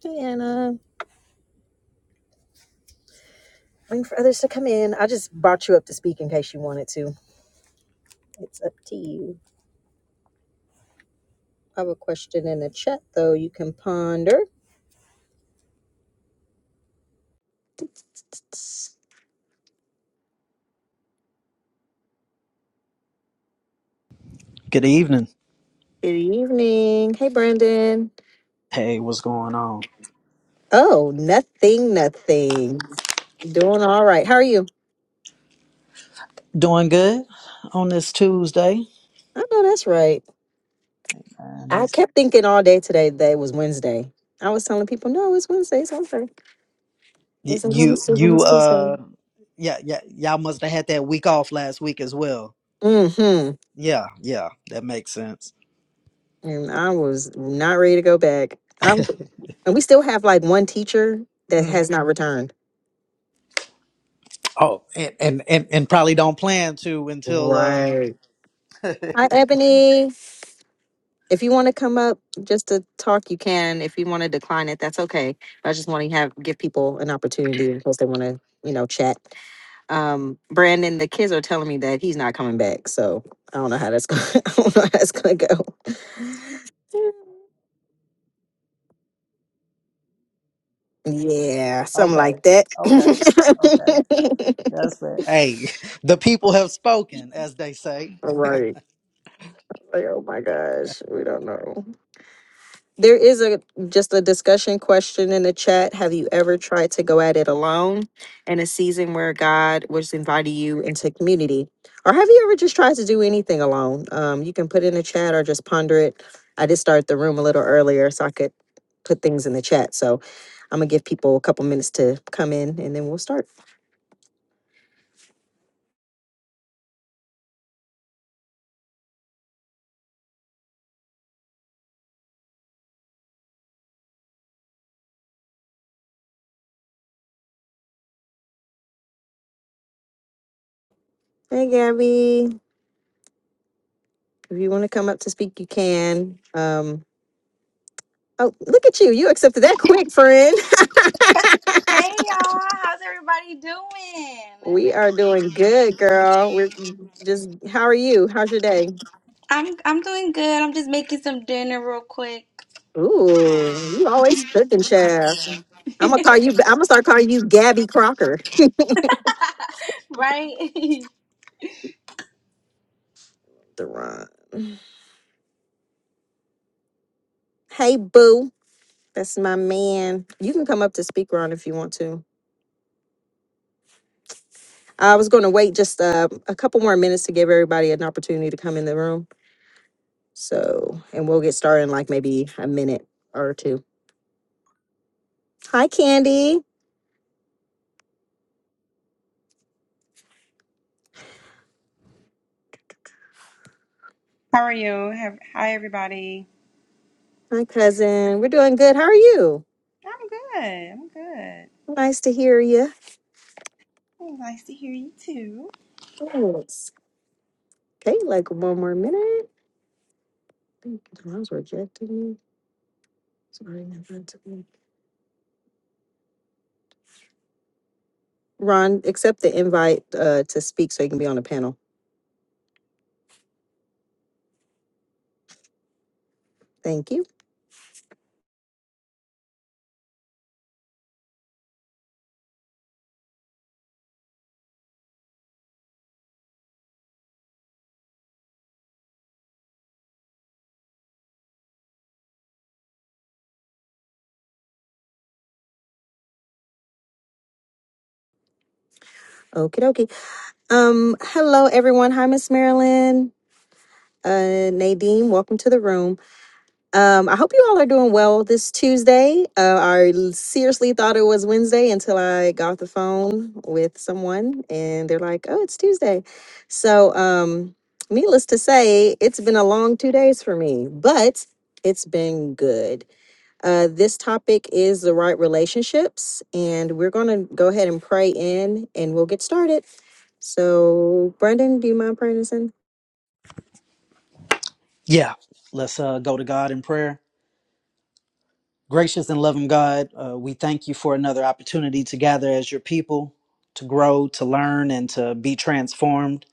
Diana, waiting for others to come in. I just brought you up to speak in case you wanted to. It's up to you. I have a question in the chat, though, you can ponder. Good evening. Good evening. Hey, Brandon. Hey, what's going on? Oh, nothing, nothing. Doing all right. How are you? Doing good on this Tuesday. I know that's right. Hey, Man, I these- kept thinking all day today that it was Wednesday. I was telling people, no, it's Wednesday. It's over. Y- It's a You, Wednesday when you, it's Tuesday. uh, yeah, yeah, y'all must have had that week off last week as well. Mm-hmm. Yeah, yeah, that makes sense. and I was not ready to go back. I'm, and we still have like one teacher that Mm. has not returned. Oh, and, and and and probably don't plan to until uh. Right. Hi, Ebony. If you want to come up just to talk, you can. If you want to decline it, that's okay. I just want to have give people an opportunity in case they want to, you know, chat. Um, Brandon, the kids are telling me that he's not coming back, so I don't know how that's going. I don't know how that's going to go. Yeah, something Okay, like that. okay, okay. That's fair. Hey, the people have spoken, as they say. Right. Like, oh my gosh, we don't know. There is a just a discussion question in the chat. Have you ever tried to go at it alone in a season where God was inviting you into community? Or have you ever just tried to do anything alone? Um, you can put in the chat or just ponder it. I did start the room a little earlier so I could put things in the chat. So I'm gonna give people a couple minutes to come in and then we'll start. Hey Gabby, if you want to come up to speak, you can. Um, oh, look at you. You accepted that quick, friend. Hey y'all, how's everybody doing? We are doing good, girl. We're just, how are you? How's your day? I'm I'm doing good. I'm just making some dinner real quick. Ooh, you always cooking, chef. I'm gonna call you. I'm gonna start calling you Gabby Crocker. Right? The run. Hey, boo. That's my man. You can come up to speak, Ron, if you want to. I was going to wait just uh, a couple more minutes to give everybody an opportunity to come in the room. So, and we'll get started in like maybe a minute or two. Hi, Candy. How are you? Have, hi, everybody. Hi, cousin. We're doing good. How are you? I'm good. I'm good. Nice to hear you. Oh, nice to hear you too. Okay, like one more minute. I think the Ron's rejected me. Sorry, never to me. Ron, accept the invite uh, to speak so you can be on the panel. Thank you. Okie dokie. Um, hello everyone. Hi, Miss Marilyn. Uh, Nadine, welcome to the room. Um, I hope you all are doing well this Tuesday. Uh, I l- seriously thought it was Wednesday until I got the phone with someone and they're like, oh, it's Tuesday. So, um, needless to say, it's been a long two days for me, but it's been good. Uh, this topic is the right relationships, and we're going to go ahead and pray in and we'll get started. So, Brendan, do you mind praying us in? Yeah, let's uh go to God in prayer. Gracious and loving God, uh, we thank you for another opportunity to gather as your people, to grow, to learn, and to be transformed.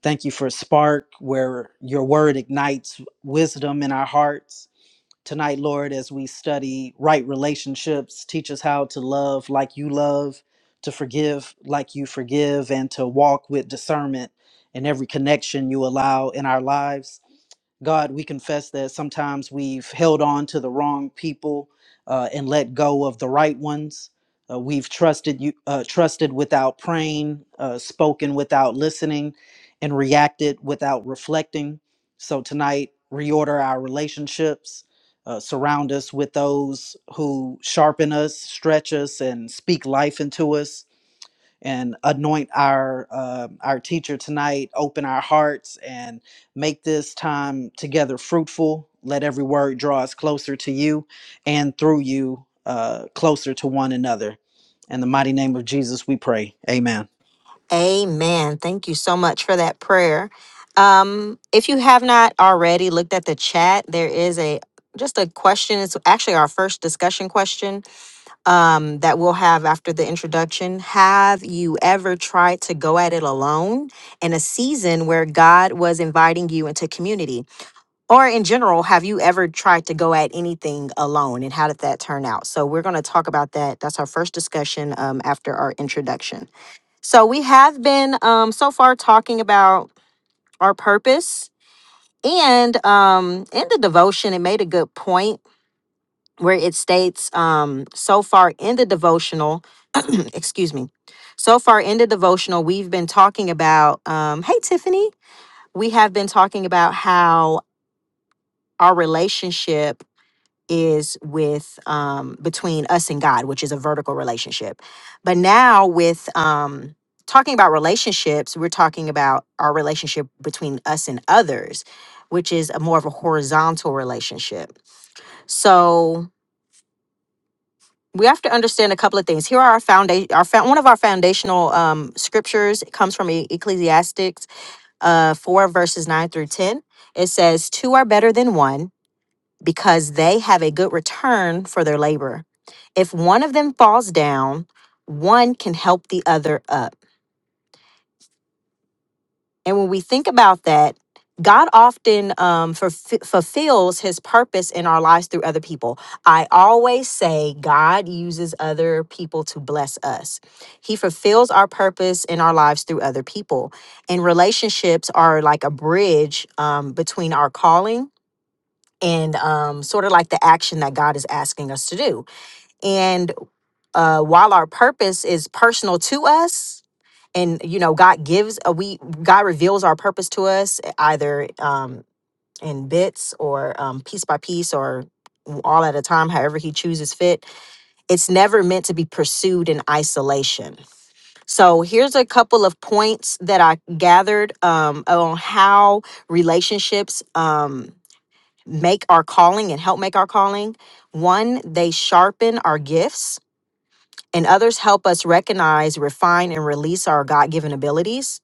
Thank you for a Spark, where your word ignites wisdom in our hearts. Tonight, Lord, as we study right relationships, teach us how to love like you love, to forgive like you forgive, and to walk with discernment in every connection you allow in our lives. God, we confess that sometimes we've held on to the wrong people uh, and let go of the right ones. Uh, we've trusted you, uh, trusted without praying, uh, spoken without listening, and reacted without reflecting. So tonight, reorder our relationships. Uh, surround us with those who sharpen us, stretch us, and speak life into us and anoint our uh, our teacher tonight open our hearts and make this time together fruitful let every word draw us closer to you and through you uh, closer to one another in the mighty name of jesus we pray amen Amen. Thank you so much for that prayer. Um, if you have not already looked at the chat, there is a just a question. It's actually our first discussion question um, that we'll have after the introduction. Have you ever tried to go at it alone in a season where God was inviting you into community? Or in general, have you ever tried to go at anything alone and how did that turn out? So we're going to talk about that. That's our first discussion um, after our introduction. So we have been um, so far talking about our purpose, and um, in the devotion, it made a good point where it states um, so far in the devotional, excuse me, so far in the devotional, we've been talking about. Um, hey, Tiffany, we have been talking about how our relationship is with um between us and God, which is a vertical relationship. But now with um talking about relationships, we're talking about our relationship between us and others, which is a more of a horizontal relationship. So we have to understand a couple of things. Here are our foundation our found one of our foundational um scriptures it comes from E- Ecclesiastics uh 4 verses 9 through 10. It says "Two are better than one because they have a good return for their labor. If one of them falls down, one can help the other up. And when we think about that, God often um, fulf- fulfills his purpose in our lives through other people. I always say God uses other people to bless us. He fulfills our purpose in our lives through other people. And relationships are like a bridge um, between our calling and um, sort of like the action that God is asking us to do and uh, while our purpose is personal to us and you know god gives a we god reveals our purpose to us e, either um, in bits or um, piece by piece or all at a time however he chooses fit it's never meant to be pursued in isolation so here's a couple of points that i gathered um, on how relationships um, make our calling and help make our calling one they sharpen our gifts and others help us recognize, refine, and release our God given abilities.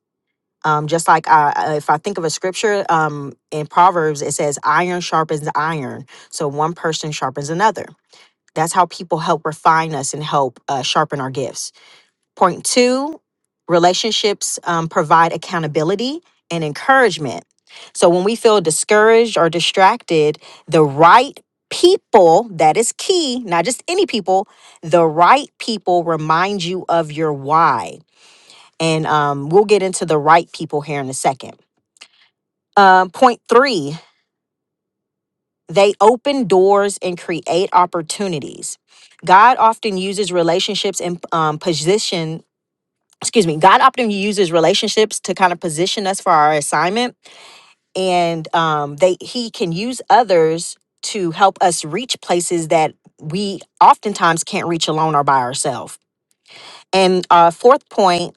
Um, just like I, I- if I think of a scripture um, in Proverbs, it says, iron sharpens iron. So one person sharpens another. That's how people help refine us and help uh, sharpen our gifts. Point two, relationships um, provide accountability and encouragement. So when we feel discouraged or distracted, the right people, that is key, not just any people, the right people remind you of your why. And um, we'll get into the right people here in a second. Um, point three, they open doors and create opportunities. God often uses relationships and um, position excuse me, God often uses relationships to kind of position us for our assignment, and um, they He can use others to help us reach places that we oftentimes can't reach alone or by ourselves. And uh, fourth point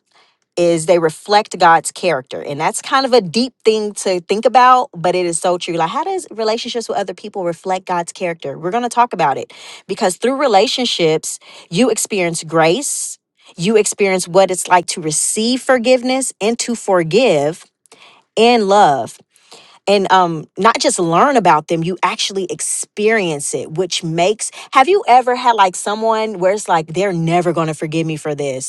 is they reflect God's character. And that's kind of a deep thing to think about, but it is so true. Like, how does relationships with other people reflect God's character? We're going to talk about it because through relationships, you experience grace, you experience what it's like to receive forgiveness and to forgive and love. And um, not just learn about them, you actually experience it, which makes. Have you ever had like someone where it's like, they're never gonna forgive me for this?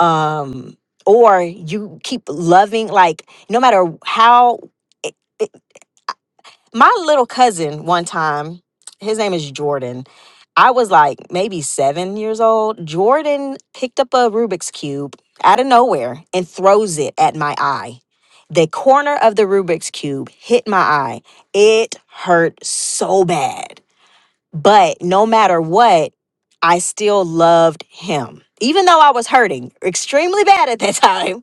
um or you keep loving like no matter how it, it, my little cousin one time his name is jordan i was like maybe seven years old jordan picked up a rubik's cube out of nowhere and throws it at my eye the corner of the rubik's cube hit my eye it hurt so bad but no matter what, I still loved him. Even though I was hurting extremely bad at that time,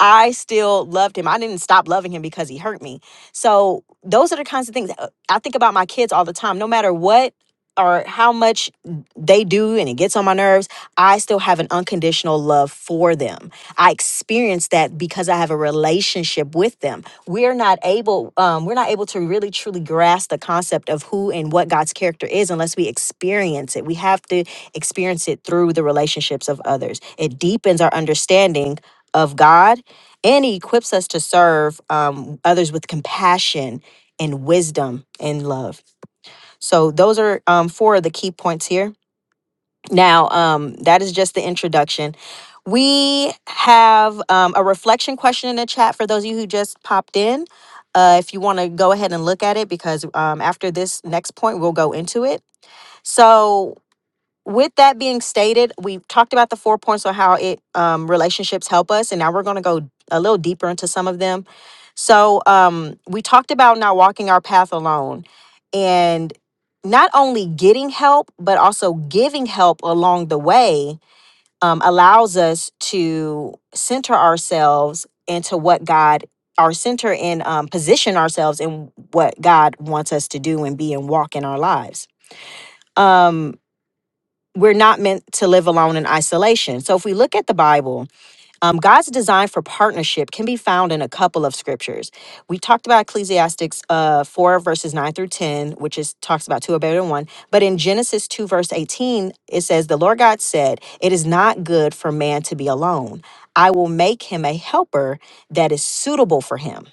I still loved him. I didn't stop loving him because he hurt me. So those are the kinds of things uh, I think about my kids all the time. No matter what or how much they do and it gets on my nerves, I still have an unconditional love for them. I experience that because I have a relationship with them. We're not able um, we're not able to really truly grasp the concept of who and what God's character is unless we experience it. We have to experience it through the relationships of others. It deepens our understanding of God and he equips us to serve um, others with compassion and wisdom and love so those are um, four of the key points here now um, that is just the introduction we have um, a reflection question in the chat for those of you who just popped in uh, if you want to go ahead and look at it because um, after this next point we'll go into it so with that being stated, we talked about the four points on how it um, relationships help us, and now we're going to go a little deeper into some of them. So um, we talked about not walking our path alone, and not only getting help but also giving help along the way um, allows us to center ourselves into what God, our center and um, position ourselves in what God wants us to do and be and walk in our lives. Um, we're not meant to live alone in isolation. So if we look at the Bible, um, God's design for partnership can be found in a couple of scriptures. We talked about Ecclesiastes uh, 4 verses 9 through 10, which is talks about two are better than one. But in Genesis 2 verse 18, it says, the Lord God said, it is not good for man to be alone. I will make him a helper that is suitable for him.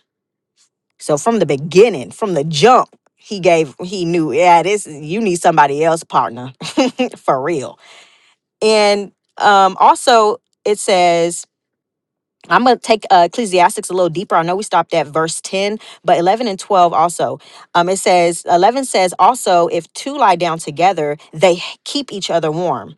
So from the beginning, from the jump, he gave, he knew, yeah, this, you need somebody else partner for real. And um, also, it says, I'm going to take uh, Ecclesiastics a little deeper. I know we stopped at verse 10, but 11 and 12 also. Um, it says, 11 says, also, if two lie down together, they h- keep each other warm.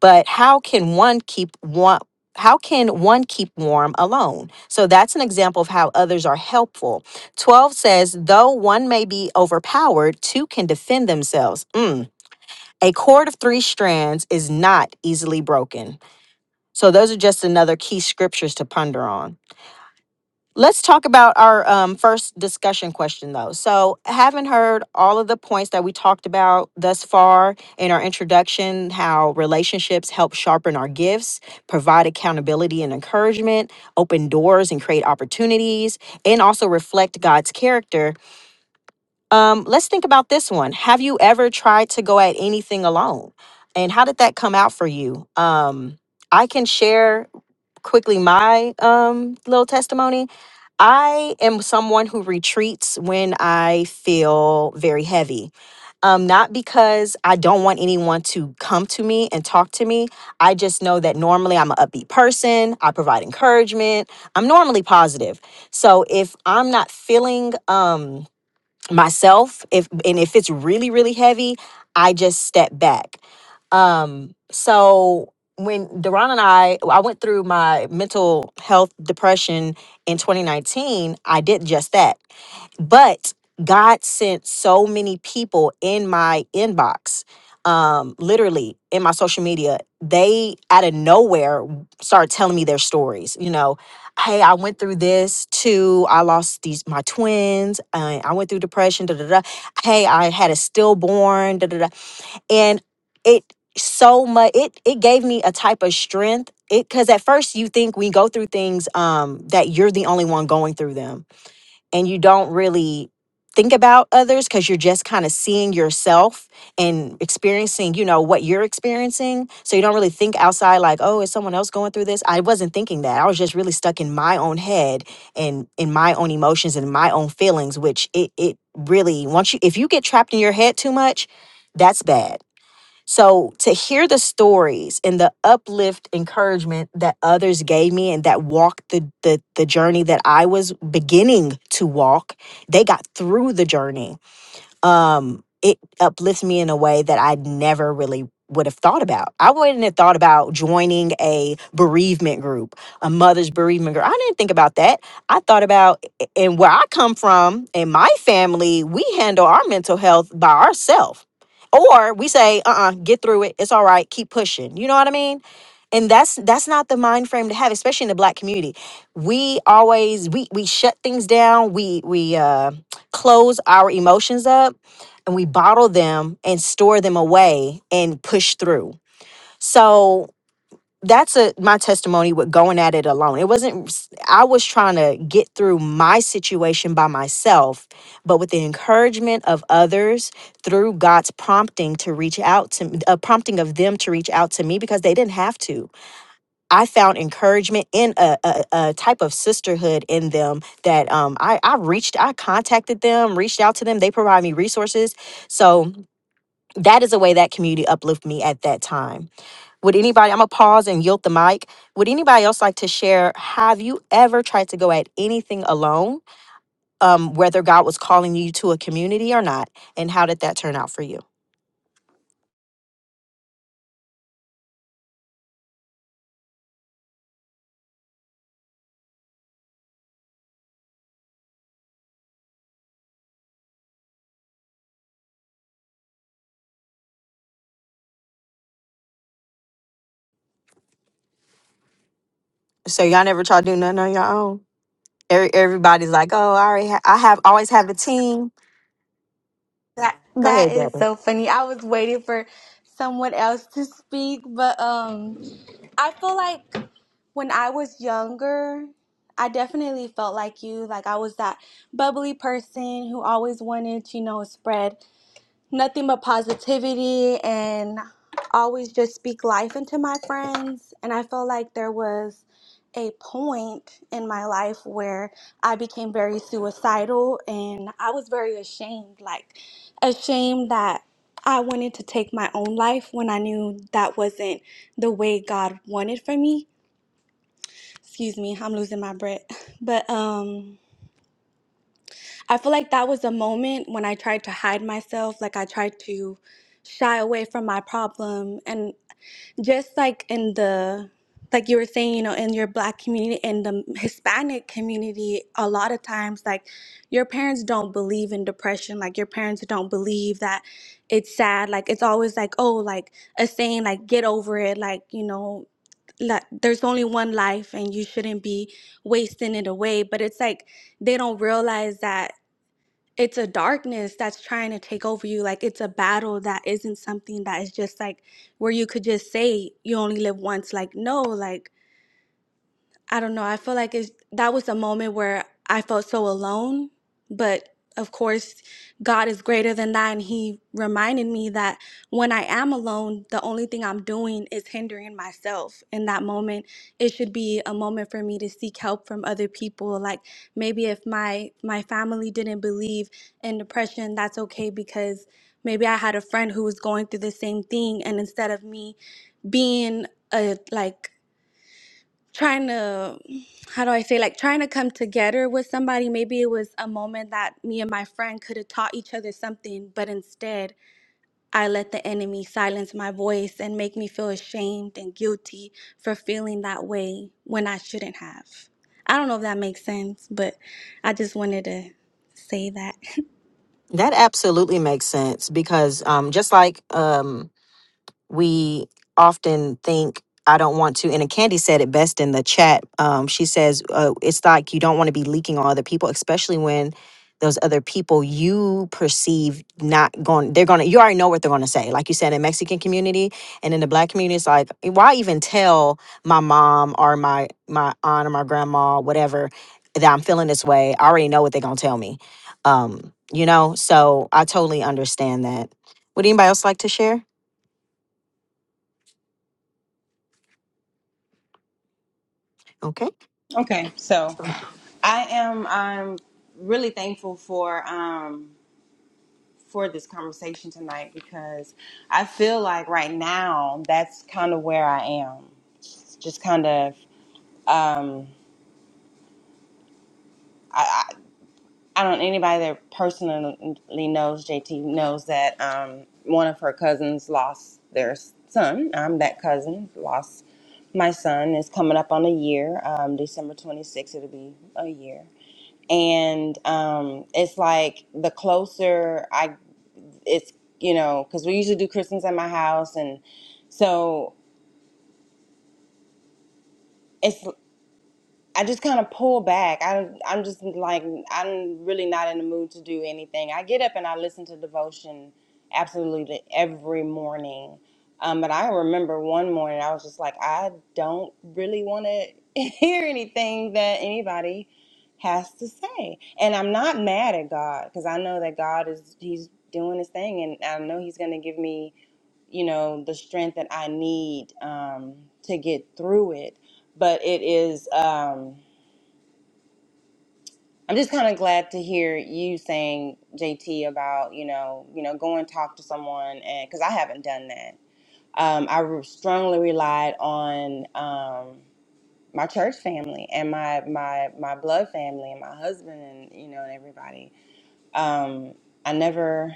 But how can one keep one? How can one keep warm alone? So that's an example of how others are helpful. 12 says, though one may be overpowered, two can defend themselves. Mm. A cord of three strands is not easily broken. So those are just another key scriptures to ponder on. Let's talk about our um, first discussion question, though. So, having heard all of the points that we talked about thus far in our introduction, how relationships help sharpen our gifts, provide accountability and encouragement, open doors and create opportunities, and also reflect God's character, um, let's think about this one. Have you ever tried to go at anything alone? And how did that come out for you? Um, I can share quickly my um little testimony. I am someone who retreats when I feel very heavy. Um, not because I don't want anyone to come to me and talk to me. I just know that normally I'm an upbeat person. I provide encouragement. I'm normally positive. So if I'm not feeling um myself if and if it's really really heavy i just step back um so when Daron and I I went through my mental health depression in 2019 I did just that but God sent so many people in my inbox, um, literally in my social media. They out of nowhere started telling me their stories. You know, hey, I went through this too. I lost these my twins. Uh, I went through depression. Da da da. Hey, I had a stillborn. Da da da. And it so much. It it gave me a type of strength. It because at first you think we go through things um, that you're the only one going through them and you don't really think about others because you're just kind of seeing yourself and experiencing you know what you're experiencing so you don't really think outside like oh is someone else going through this i wasn't thinking that i was just really stuck in my own head and in my own emotions and my own feelings which it, it really once you if you get trapped in your head too much that's bad so to hear the stories and the uplift encouragement that others gave me and that walked the the the journey that I was beginning to walk, they got through the journey um it uplifts me in a way that I never really would have thought about. I wouldn't have thought about joining a bereavement group, a mother's bereavement group. I didn't think about that. I thought about i- and where I come from in my family, we handle our mental health by ourselves. Or we say, uh uh get through it. It's all right. Keep pushing. You know what I mean? and that's that's not the mind frame to have especially in the black community we always we we shut things down we we uh close our emotions up and we bottle them and store them away and push through so that's a my testimony with going at it alone it wasn't s- i was trying to get through my situation by myself but with the encouragement of others through god's prompting to reach out to m- a prompting of them to reach out to me because they didn't have to I found encouragement in a, a, a type of sisterhood in them that um, I, I reached, I contacted them, reached out to them. They provide me resources. So that is a way that community uplifted me at that time. Would anybody, I'm going to pause and yield the mic. Would anybody else like to share? Have you ever tried to go at anything alone? um, whether God was calling you to a community or not, and how did that turn out for you? So y'all never try to do nothing on your own. Every, everybody's like, "Oh, I already, ha- I have always have a team." that Go that ahead, is Deborah. so funny. I was waiting for someone else to speak, but um I feel like when I was younger, I definitely felt like you. Like I was that bubbly person who always wanted to, you know, spread. nothing but positivity and always just speak life into my friends. And I felt like there was a point in my life where I became very suicidal and I was very ashamed, like ashamed that I wanted to take my own life when I knew that wasn't the way God wanted for me. Excuse me, I'm losing my breath. But um I feel like that was a moment when I tried to hide myself, like I tried to shy away from my problem. And just like in the, like you were saying, you know, in your black community, in the Hispanic community, a lot of times, like your parents don't believe in depression. Like your parents don't believe that it's sad. Like it's always like, oh, like a saying, like, get over it. Like, you know, like, there's only one life and you shouldn't be wasting it away. But it's like, they don't realize that it's a darkness that's trying to take over you. Like it's a battle that isn't something that is just like where you could just say you only live once. Like no, like I don't know. I feel like it's, that was a moment where I felt so alone. But of course, God is greater than that. And He reminded me that when I am alone, the only thing I'm doing is hindering myself in that moment. It should be a moment for me to seek help from other people. Like maybe if my, my family didn't believe in depression, that's okay because maybe I had a friend who was going through the same thing. And instead of me being a like trying to how do i say like trying to come together with somebody maybe it was a moment that me and my friend could have taught each other something but instead i let the enemy silence my voice and make me feel ashamed and guilty for feeling that way when i shouldn't have i don't know if that makes sense but i just wanted to say that That absolutely makes sense because um, just like um, we often think I don't want to. And Candy said it best in the chat. Um, she says uh, it's like you don't want to be leaking on other people, especially when those other people you perceive not going. They're gonna. You already know what they're gonna say. Like you said in Mexican community and in the Black community, it's like why even tell my mom or my my aunt or my grandma whatever that I'm feeling this way. I already know what they're gonna tell me. Um, you know. So I totally understand that. Would anybody else like to share? Okay. Okay, so I am. I'm really thankful for um for this conversation tonight because I feel like right now that's kind of where I am. Just kind of. Um, I don't anybody that personally knows JT knows that um, one of her cousins lost their son. I'm that cousin lost my son. It's coming up on a year. Um, December 26th, it'll be a year. And um, it's like the closer I, it's you know, because we usually do Christmas at my house, and so. it's. I just kind of pull back. I I'm just like I'm really not in the mood to do anything. I get up and I listen to devotion absolutely every morning. Um, but I remember one morning I was just like I don't really want to hear anything that anybody has to say. And I'm not mad at God because I know that God is he's doing his thing and I know he's going to give me, you know, the strength that I need um to get through it. But it is um I'm just kind of glad to hear you saying JT about you know you know go and talk to someone and because I haven't done that. Um, I re- strongly relied on um, my church family and my my my blood family and my husband and you know and everybody. Um, I never,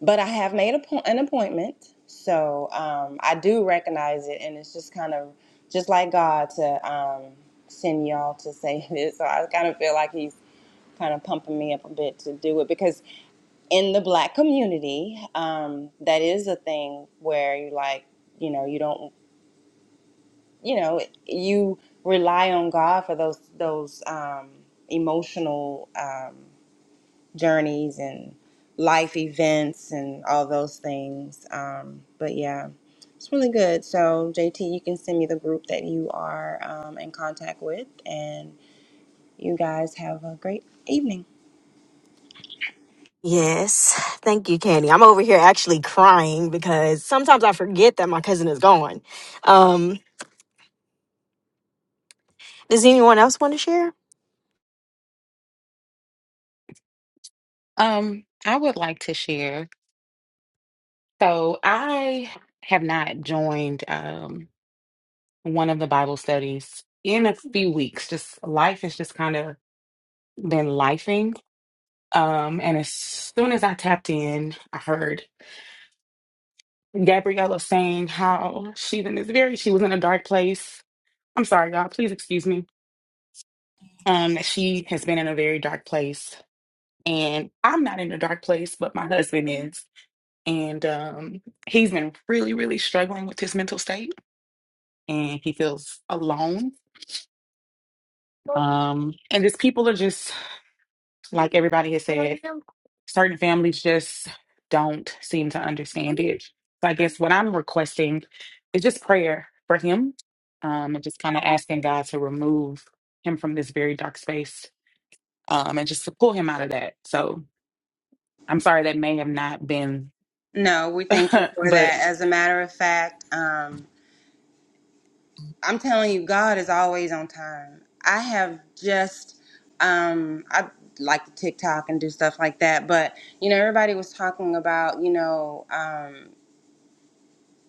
but I have made a po- an appointment, so um, I do recognize it, and it's just kind of just like God to um, send y'all to say this. So I kind of feel like He's kind of pumping me up a bit to do it because in the black community, um, that is a thing where you like, you know, you don't, you know, you rely on God for those those um, emotional um, journeys and life events and all those things. Um, but yeah, it's really good. So JT, you can send me the group that you are um, in contact with, and you guys have a great evening. Yes. Thank you, Candy. I'm over here actually crying because sometimes I forget that my cousin is gone. Um, does anyone else want to share? Um, I would like to share. So I have not joined um one of the Bible studies in a few weeks. Just life has just kind of been lifing. Um, and as soon as I tapped in, I heard Gabriella saying how she's in this very she was in a dark place. I'm sorry, y'all, please excuse me. Um, that she has been in a very dark place. And I'm not in a dark place, but my husband is. And um he's been really, really struggling with his mental state and he feels alone. Um, and just people are just like everybody has said, certain families just don't seem to understand it. So I guess what I'm requesting is just prayer for him, um, and just kind of asking God to remove him from this very dark space, um, and just to pull him out of that. So I'm sorry that may have not been, No, we thank you for but that. As a matter of fact, um, I'm telling you, God is always on time. I have just, um, I like to TikTok and do stuff like that, but you know, everybody was talking about, you know, um,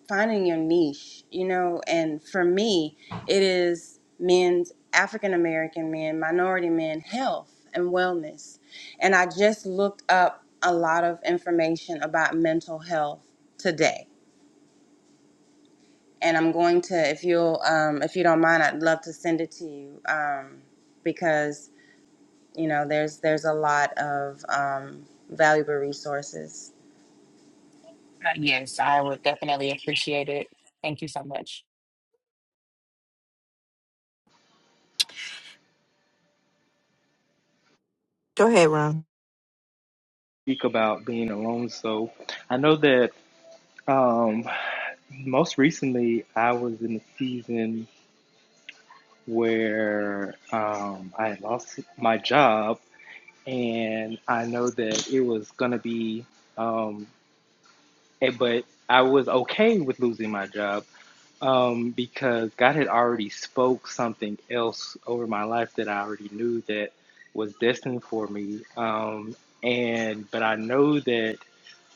finding your niche, you know, and for me, it is men's African American men, minority men, health and wellness. And I just looked up a lot of information about mental health today and I'm going to, if you'll, um, if you don't mind, I'd love to send it to you um, because you know there's there's a lot of um, valuable resources. uh, yes, I would definitely appreciate it. Thank you so much. Go ahead, Ron. speak about being alone. So I know that um, most recently I was in a season where um, I had lost my job, and I know that it was gonna be, um, eh, but I was okay with losing my job um, because God had already spoke something else over my life that I already knew that was destined for me. Um, and but I know that.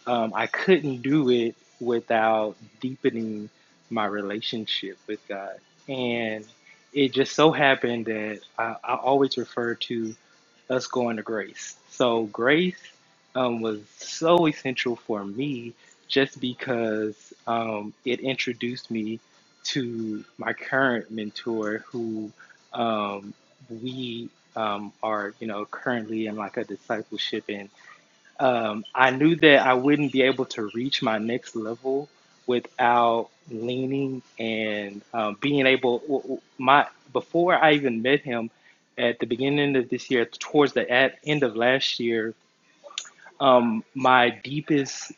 um, I couldn't do it without deepening my relationship with God. And it just so happened that I, I always refer to us going to grace. So grace um, was so essential for me just because um, it introduced me to my current mentor who um, we um, are, you know, currently in like a discipleship and um, I knew that I wouldn't be able to reach my next level without leaning and um, being able. My before I even met him at the beginning of this year, towards the at, end of last year, um, my deepest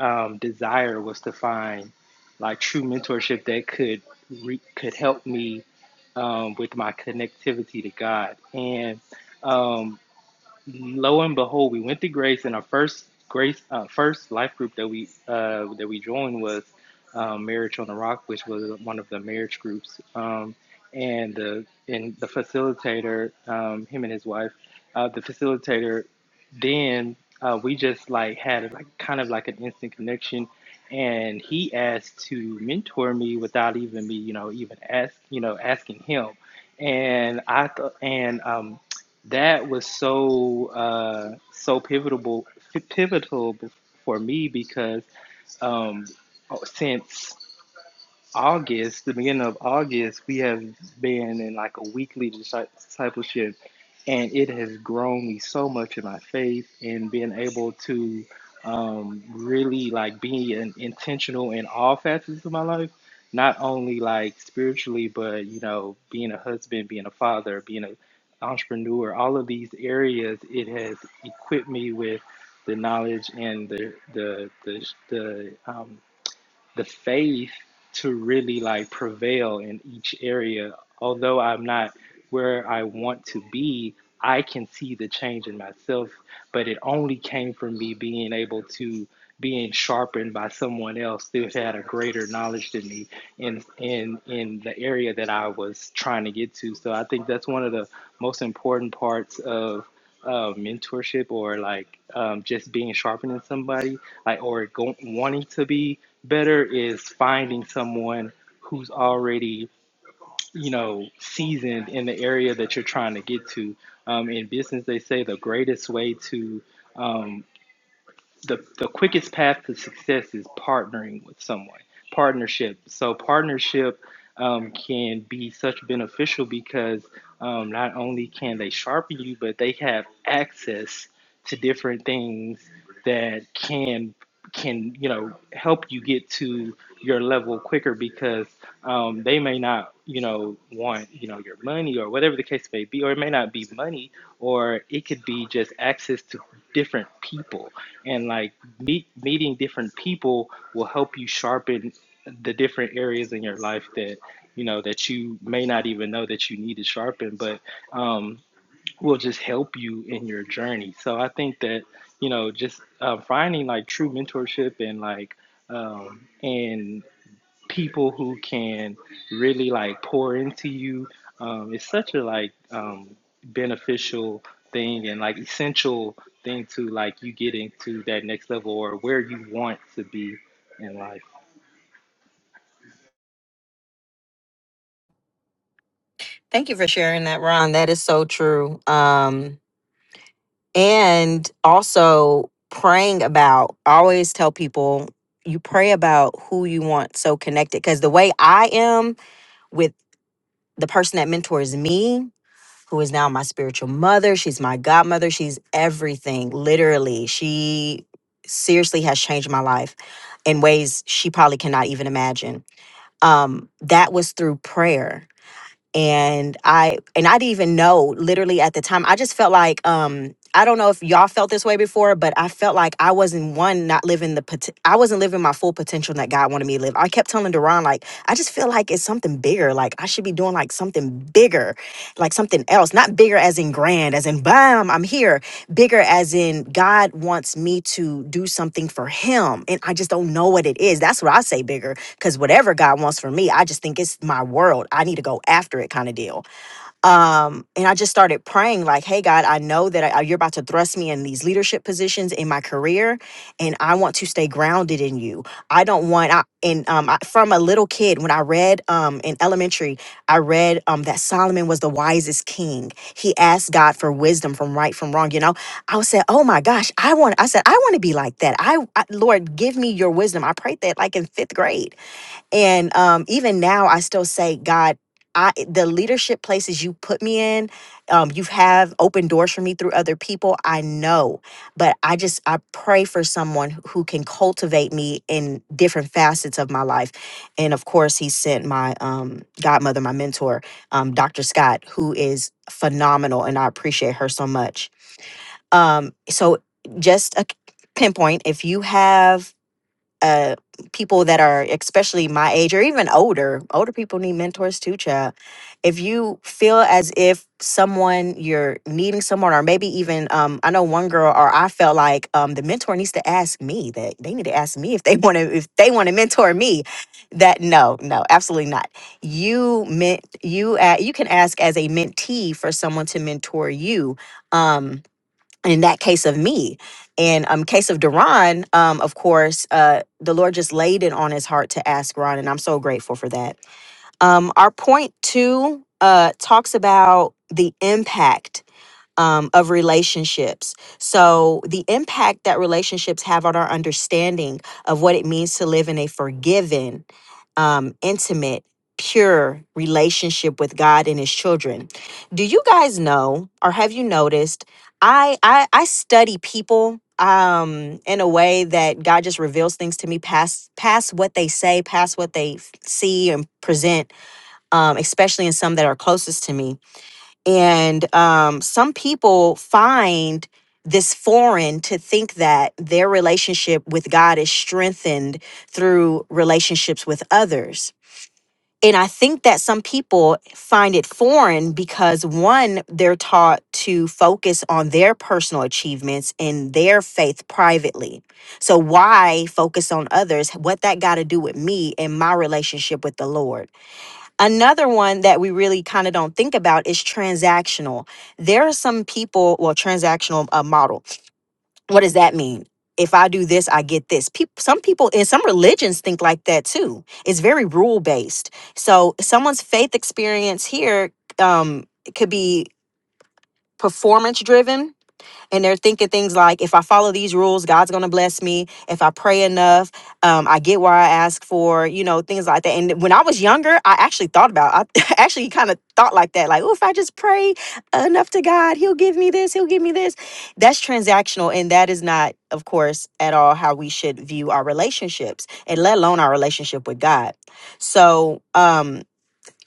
um, desire was to find like true mentorship that could re- could help me um, with my connectivity to God and. Um, lo and behold, we went to Grace, and our first Grace, uh, first life group that we uh, that we joined was um, Marriage on the Rock, which was one of the marriage groups. Um, and the and the facilitator, um, him and his wife, uh, the facilitator, then uh, we just like had like kind of like an instant connection, and he asked to mentor me without even me, you know, even ask you know asking him. And I th- and um, that was so uh, so pivotal pivotal for me because um, since August, the beginning of August, we have been in like a weekly discipleship, and it has grown me so much in my faith and being able to um, really like be in, intentional in all facets of my life, not only like spiritually, but you know, being a husband, being a father, being an entrepreneur, all of these areas, it has equipped me with the knowledge and the the the, the um, the faith to really like prevail in each area. Although I'm not where I want to be, I can see the change in myself but it only came from me being able to being sharpened by someone else who had a greater knowledge than me in in in the area that I was trying to get to. So I think that's one of the most important parts of uh, mentorship or like um, just being sharpened in somebody like or go, wanting to be better is finding someone who's already you know, seasoned in the area that you're trying to get to. Um, in business, they say the greatest way to um, the the quickest path to success is partnering with someone partnership so partnership um, can be such beneficial because um, not only can they sharpen you but they have access to different things that can can you know help you get to your level quicker because um, they may not you know want you know your money or whatever the case may be or it may not be money or it could be just access to different people and like meet meeting different people will help you sharpen the different areas in your life that you know that you may not even know that you need to sharpen but um will just help you in your journey so i think that you know just uh, finding like true mentorship and like um and people who can really like pour into you. Um, it's such a like um, beneficial thing and like essential thing to like you getting to that next level or where you want to be in life. Thank you for sharing that, Ron. That is so true. Um, and also praying about I always tell people you pray about who you want so connected because the way i am with the person that mentors me who is now my spiritual mother she's my godmother she's everything literally she seriously has changed my life in ways she probably cannot even imagine um that was through prayer and I and I didn't even know literally at the time. I just felt like um I don't know if y'all felt this way before, but I felt like I wasn't one not living the pot- I wasn't living my full potential that God wanted me to live. I kept telling Duran like I just feel like it's something bigger. Like I should be doing like something bigger, like something else, not bigger as in grand, as in bam, I'm here. Bigger as in God wants me to do something for Him, and I just don't know what it is. That's what I say bigger because whatever God wants for me, I just think it's my world. I need to go after it, kind of deal. Um, and I just started praying, like, "Hey God, I know that I, you're about to thrust me in these leadership positions in my career, and I want to stay grounded in you. I don't want." I, and um, I, from a little kid, when I read um, in elementary, I read um, that Solomon was the wisest king. He asked God for wisdom from right from wrong. You know, I said, "Oh my gosh, I want." I said, "I want to be like that." I, I Lord, give me your wisdom. I prayed that like in fifth grade and um, even now, I still say, God, I the leadership places you put me in, um, you have opened doors for me through other people. I know, but I just I pray for someone who who can cultivate me in different facets of my life. And of course, He sent my um, godmother, my mentor, um, Dr. Scott, who is phenomenal, and I appreciate her so much. Um, so just a c- pinpoint if you have uh people that are especially my age or even older older people need mentors too child if you feel as if someone you're needing someone or maybe even um i know one girl or i felt like um the mentor needs to ask me that they need to ask me if they want to if they want to mentor me that no no absolutely not you meant you uh, you can ask as a mentee for someone to mentor you um in that case of me and um case of Deron, um of course uh the Lord just laid it on his heart to ask Ron and I'm so grateful for that um, our point two uh, talks about the impact um, of relationships. So, the impact that relationships have on our understanding of what it means to live in a forgiven, um, intimate, pure relationship with God and His children. Do you guys know, or have you noticed? I I, I study people um in a way that God just reveals things to me past past what they say past what they f- see and present um, especially in some that are closest to me. And um, some people find this foreign to think that their relationship with God is strengthened through relationships with others. And I think that some people find it foreign because one, they're taught to focus on their personal achievements and their faith privately. So, why focus on others? What that got to do with me and my relationship with the Lord? Another one that we really kind of don't think about is transactional. There are some people, well, transactional uh, model. What does that mean? If I do this, I get this. People, some people in some religions think like that too. It's very rule based. So someone's faith experience here um, could be performance driven and they're thinking things like if i follow these rules god's going to bless me if i pray enough um, i get what i ask for you know things like that and when i was younger i actually thought about i actually kind of thought like that like oh if i just pray enough to god he'll give me this he'll give me this that's transactional and that is not of course at all how we should view our relationships and let alone our relationship with god so um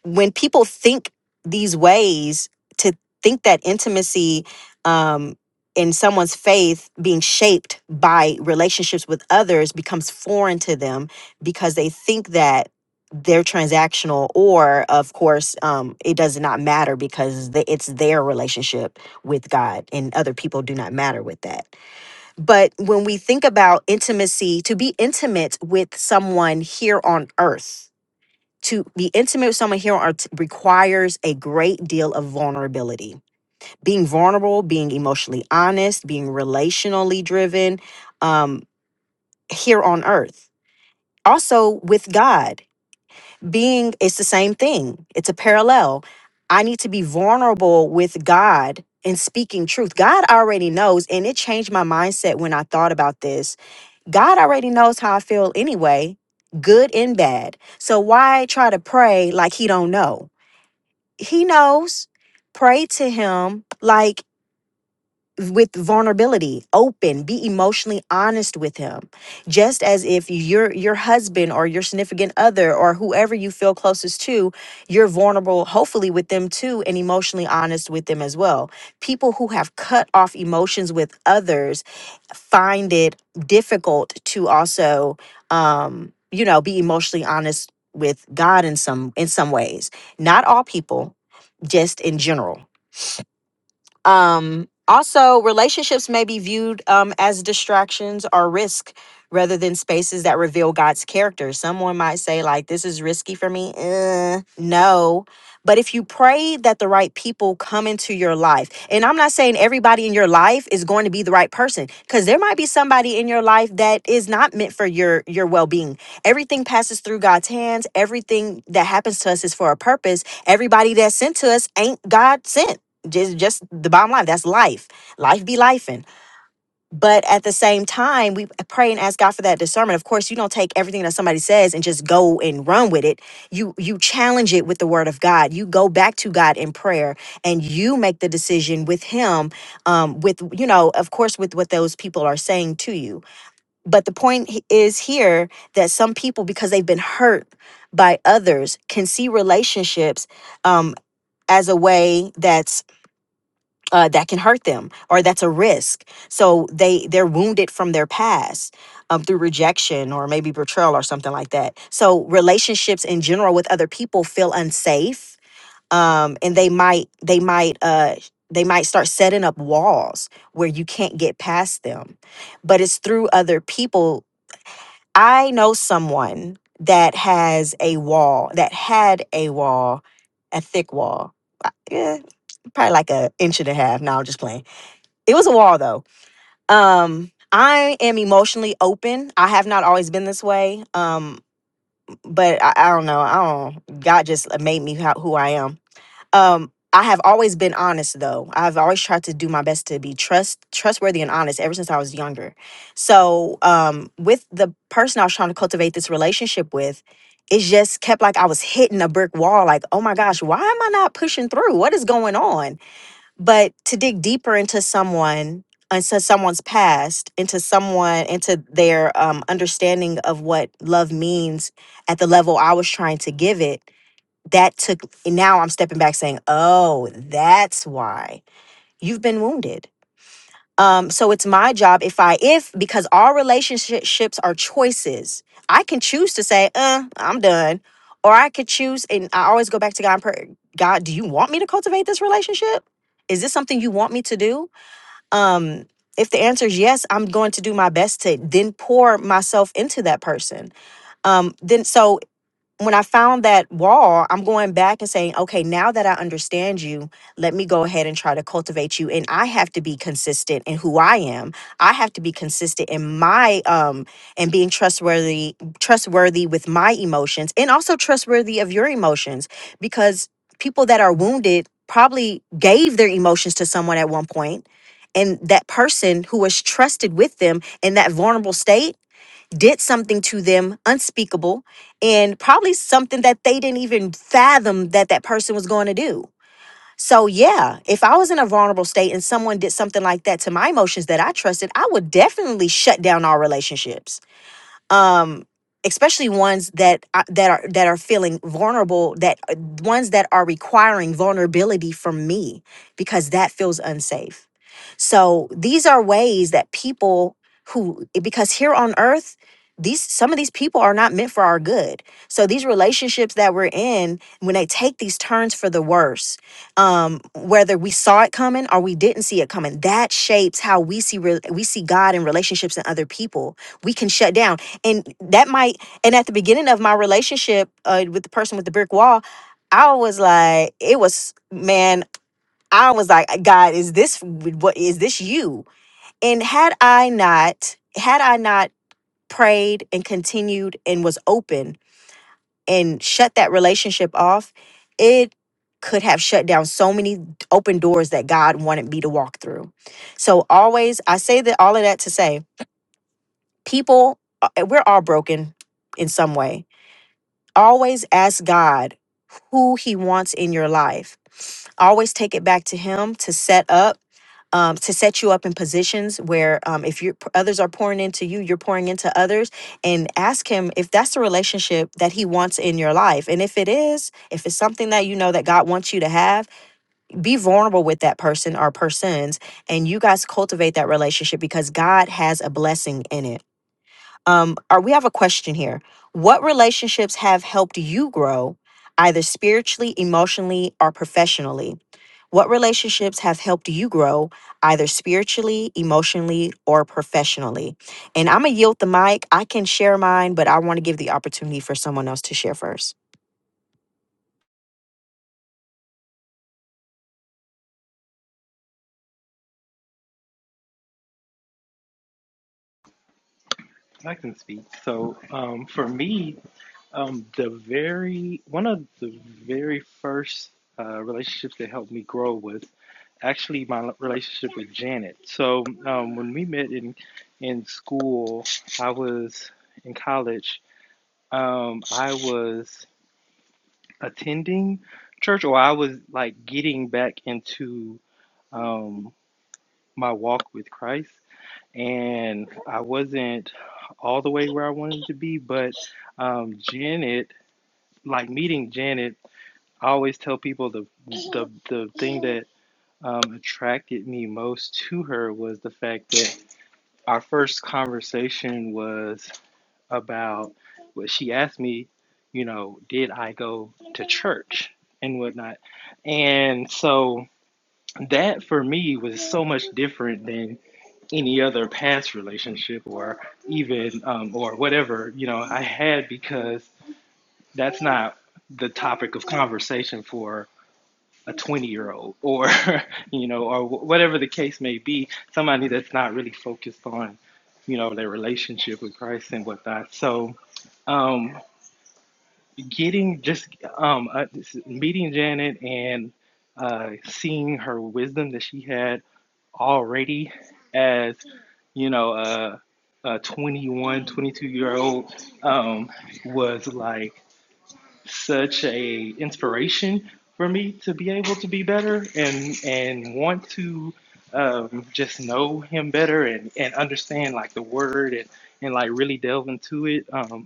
when people think these ways to think that intimacy um in someone's faith being shaped by relationships with others becomes foreign to them because they think that they're transactional or of course um it does not matter because the, it's their relationship with god and other people do not matter with that but when we think about intimacy to be intimate with someone here on earth to be intimate with someone here on earth requires a great deal of vulnerability. Being vulnerable, being emotionally honest, being relationally driven um, here on earth. Also, with God, being, it's the same thing, it's a parallel. I need to be vulnerable with God and speaking truth. God already knows, and it changed my mindset when I thought about this. God already knows how I feel anyway, good and bad. So why try to pray like he don't know? he knows pray to him like with vulnerability open be emotionally honest with him just as if your your husband or your significant other or whoever you feel closest to you're vulnerable hopefully with them too and emotionally honest with them as well people who have cut off emotions with others find it difficult to also um you know be emotionally honest with god in some in some ways not all people just in general um, also, relationships may be viewed um, as distractions or risk rather than spaces that reveal God's character. Someone might say, like, this is risky for me. Uh, no. But if you pray that the right people come into your life, and I'm not saying everybody in your life is going to be the right person, because there might be somebody in your life that is not meant for your your well-being. Everything passes through God's hands. Everything that happens to us is for a purpose. Everybody that's sent to us ain't God sent just just the bottom line that's life life be life but at the same time we pray and ask god for that discernment of course you don't take everything that somebody says and just go and run with it you you challenge it with the word of god you go back to god in prayer and you make the decision with him um with you know of course with what those people are saying to you but the point he- is here that some people because they've been hurt by others can see relationships um as a way that's uh, that can hurt them or that's a risk so they they're wounded from their past um, through rejection or maybe betrayal or something like that so relationships in general with other people feel unsafe um, and they might they might uh, they might start setting up walls where you can't get past them but it's through other people i know someone that has a wall that had a wall a thick wall Uh, yeah, probably like an inch and a half. No, I'm just playing it was a wall though. Um, I am emotionally open. I have not always been this way. Um, but I, I don't know. I don't. God just made me how, who I am. Um, I have always been honest though. I've always tried to do my best to be trust trustworthy and honest ever since I was younger. So um, with the person I was trying to cultivate this relationship with. It just kept like I was hitting a brick wall, like, oh my gosh, why am I not pushing through? What is going on? but to dig deeper into someone into someone's past into someone into their um, understanding of what love means at the level i was trying to give it that took now i'm stepping back saying oh that's why you've been wounded um, so it's my job if I if because all relationships are choices. I can choose to say, "Uh, I'm done," or I could choose, and I always go back to God. And pray, God, do you want me to cultivate this relationship? Is this something you want me to do? Um, if the answer is yes, I'm going to do my best to then pour myself into that person. Um, then so when I found that wall, I'm going back and saying, okay, now that I understand you, let me go ahead and try to cultivate you. And I have to be consistent in who I am. I have to be consistent in my um and being trustworthy, trustworthy with my emotions and also trustworthy of your emotions. Because people that are wounded probably gave their emotions to someone at one point, And that person who was trusted with them in that vulnerable state did something to them unspeakable and probably something that they didn't even fathom that that person was going to do. So, yeah, if I was in a vulnerable state and someone did something like that to my emotions that I trusted, I would definitely shut down all relationships. Um especially ones that I- that are that are feeling vulnerable that uh, ones that are requiring vulnerability from me because that feels unsafe. So these are ways that people who, because here on earth, these some of these people are not meant for our good. So these relationships that we're in, when they take these turns for the worse, um, whether we saw it coming or we didn't see it coming, that shapes how we see re- we see God in relationships and other people. We can shut down, and that might. And at the beginning of my relationship uh, with the person with the brick wall, I was like, it was man. I was like, God, is this what is this you? And had I not, had I not prayed and continued and was open and shut that relationship off, it could have shut down so many open doors that God wanted me to walk through. So always I say that all of that to say, people uh, we're all broken in some way Always ask God who He wants in your life. Always take it back to Him to set up, um, to set you up in positions where um, if you others are pouring into you, you're pouring into others, and ask Him if that's the relationship that He wants in your life. And if it is, if it's something that you know that God wants you to have, be vulnerable with that person or persons, and you guys cultivate that relationship because God has a blessing in it um or we have a question here what relationships have helped you grow either spiritually emotionally or professionally what relationships have helped you grow either spiritually emotionally or professionally and i'm gonna yield the mic i can share mine but i want to give the opportunity for someone else to share first I can speak. So um, for me, Um, the very one of the very first uh, relationships that helped me grow was actually my relationship with Janet. So um, when we met in in school, I was in college. Um, I was attending church, or I was like getting back into um, my walk with Christ, and I wasn't all the way where I wanted to be, but um, Janet, like meeting Janet. I always tell people the the the thing that um, attracted me most to her was the fact that our first conversation was about well, she asked me, you know, did I go to church and whatnot, and so that for me was so much different than any other past relationship or even um, or whatever you know I had because that's not the topic of conversation for a 20 year old or you know or whatever the case may be somebody that's not really focused on you know their relationship with christ and whatnot so um getting just um uh, meeting janet and uh seeing her wisdom that she had already as you know a, a 21 twenty-two year old um was like such a inspiration for me to be able to be better and and want to um, just know him better and, and understand like the word and, and like really delve into it. Um,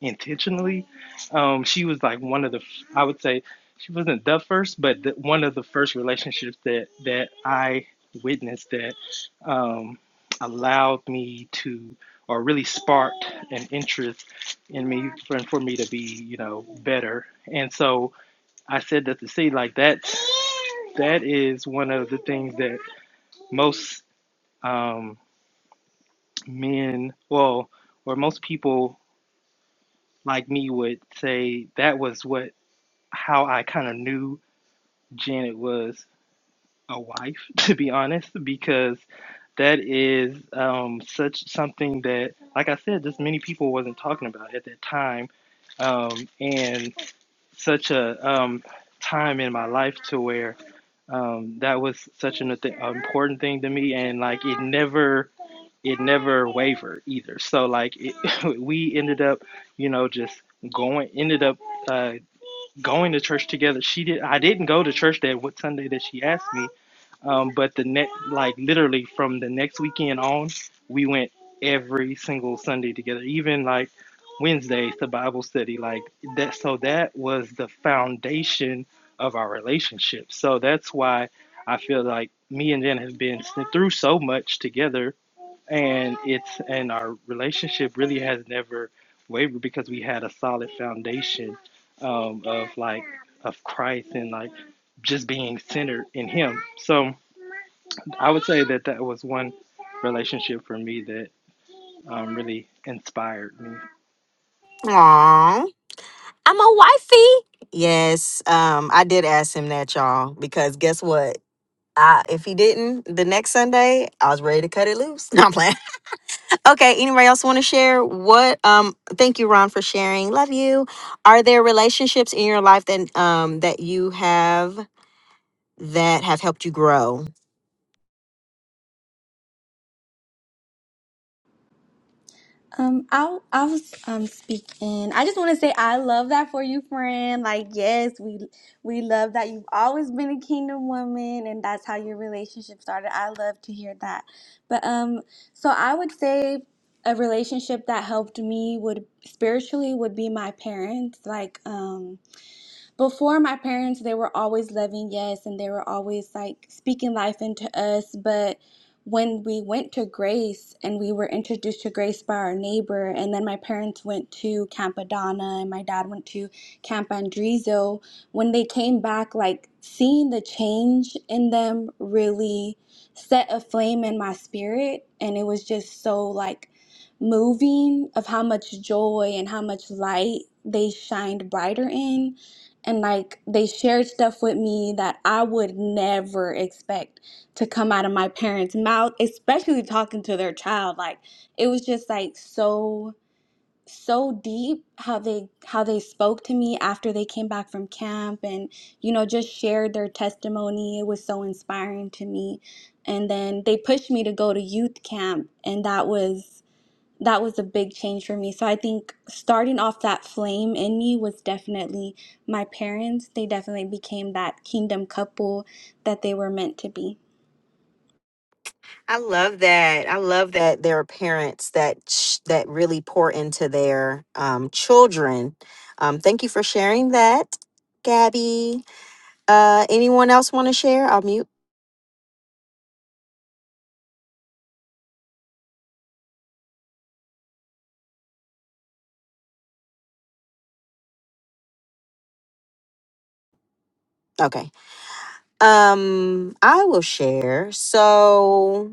intentionally. Um, she was like one of the, I would say, she wasn't the first, but the, one of the first relationships that that I witnessed that um, allowed me to, or really sparked an interest in me for, for me to be, you know, better. And so I said that to say like that, that is one of the things that most um, men, well, or most people like me would say that was what how I kind of knew Janet was a wife, to be honest, because that is um, such something that, like I said, just many people wasn't talking about at that time, um, and such a um, time in my life to where um, that was such an th- important thing to me, and like it never it never wavered either. So like it, we ended up, you know, just going ended up. uh, going to church together. She did. I didn't go to church that what Sunday that she asked me. Um, but the next, like literally from the next weekend on, we went every single Sunday together. Even like Wednesdays to Bible study. Like that. So that was the foundation of our relationship. So that's why I feel like me and Jen have been through so much together and it's and our relationship really has never wavered because we had a solid foundation um, of like of Christ and like just being centered in Him. So I would say that that was one relationship for me that um, really inspired me. Aww. i'm a wifey yes um i did ask him that y'all because guess what I, if he didn't the next Sunday, I was ready to cut it loose. No, I'm playing. Okay, anybody else want to share what um thank you Ron for sharing. Love you. Are there relationships in your life that um that you have that have helped you grow? Um, I'll I'll um speak in. I just want to say I love that for you, friend. Like, yes, we we love that you've always been a kingdom woman, and that's how your relationship started. I love to hear that. But um, so I would say a relationship that helped me would spiritually would be my parents. Like, um before my parents they were always loving yes and they were always like speaking life into us but when we went to grace and we were introduced to grace by our neighbor and then my parents went to campadonna and my dad went to camp andrizo when they came back like seeing the change in them really set a flame in my spirit and it was just so like moving of how much joy and how much light they shined brighter in and like they shared stuff with me that I would never expect to come out of my parents' mouth, especially talking to their child. Like it was just like so so deep how they how they spoke to me after they came back from camp and you know just shared their testimony. It was so inspiring to me. And then they pushed me to go to youth camp and that was that was a big change for me. So I think starting off that flame in me was definitely my parents. They definitely became that kingdom couple that they were meant to be. I love that. I love that there are parents that sh- that really pour into their um children. Um thank you for sharing that. Gabby, uh anyone else want to share? I'll mute. Okay. Um I will share. So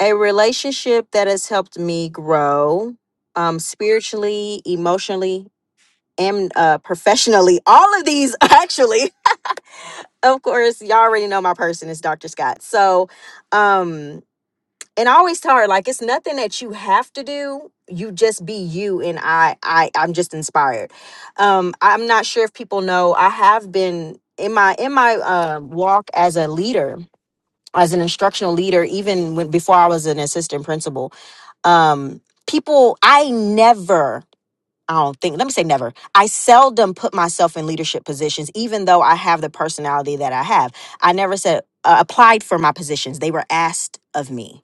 a relationship that has helped me grow um spiritually emotionally and uh professionally all of these actually of course y'all already know my person is dr scott so um and i always tell her like it's nothing that you have to do you just be you and i i i'm just inspired um i'm not sure if people know i have been in my in my uh, walk as a leader as an instructional leader even when, before i was an assistant principal um people i never i don't think let me say never i seldom put myself in leadership positions even though i have the personality that i have i never said uh, applied for my positions they were asked of me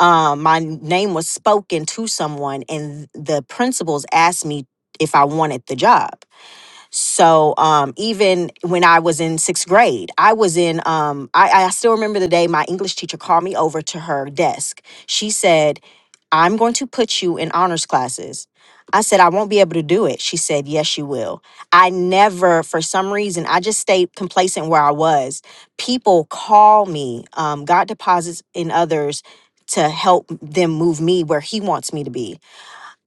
um my name was spoken to someone and the principals asked me if i wanted the job so um, even when I was in sixth grade, I was in, um, I, I still remember the day my English teacher called me over to her desk. She said, I'm going to put you in honors classes. I said, I won't be able to do it. She said, Yes, you will. I never, for some reason, I just stayed complacent where I was. People call me, um, God deposits in others to help them move me where He wants me to be.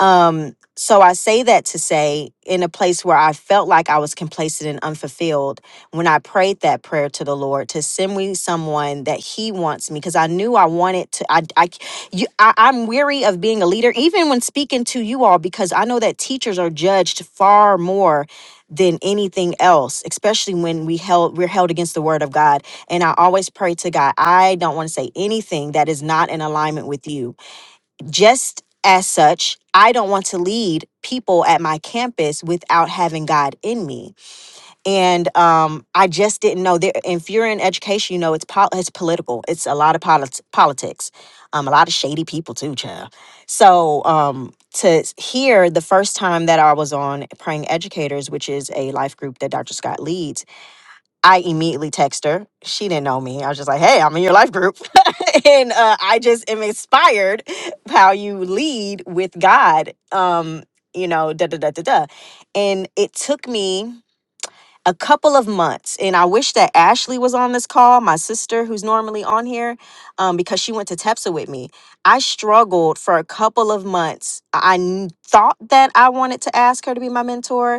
Um, so I say that to say, in a place where I felt like I was complacent and unfulfilled, when I prayed that prayer to the Lord to send me someone that He wants me, because I knew I wanted to. I, I, c- you, I, I'm weary of being a leader, even when speaking to you all, because I know that teachers are judged far more than anything else, especially when we held we're held against the Word of God. And I always pray to God, I don't want to say anything that is not in alignment with You just as such, I don't want to lead people at my campus without having God in me. And um, I just didn't know there. If you're in education, you know it's pol- it's political. It's a lot of polit- politics, um, a lot of shady people too, child. So um, to hear the first time that I was on Praying Educators, which is a life group that Dr. Scott leads I immediately text her. She didn't know me. I was just like, hey, I'm in your life group. and uh, I just am inspired how you lead with God, um, you know, da da da da da. And it took me a couple of months. And I wish that Ashley was on this call, my sister who's normally on here, um, because she went to TEPSA with me. I struggled for a couple of months. I I kn- thought that I wanted to ask her to be my mentor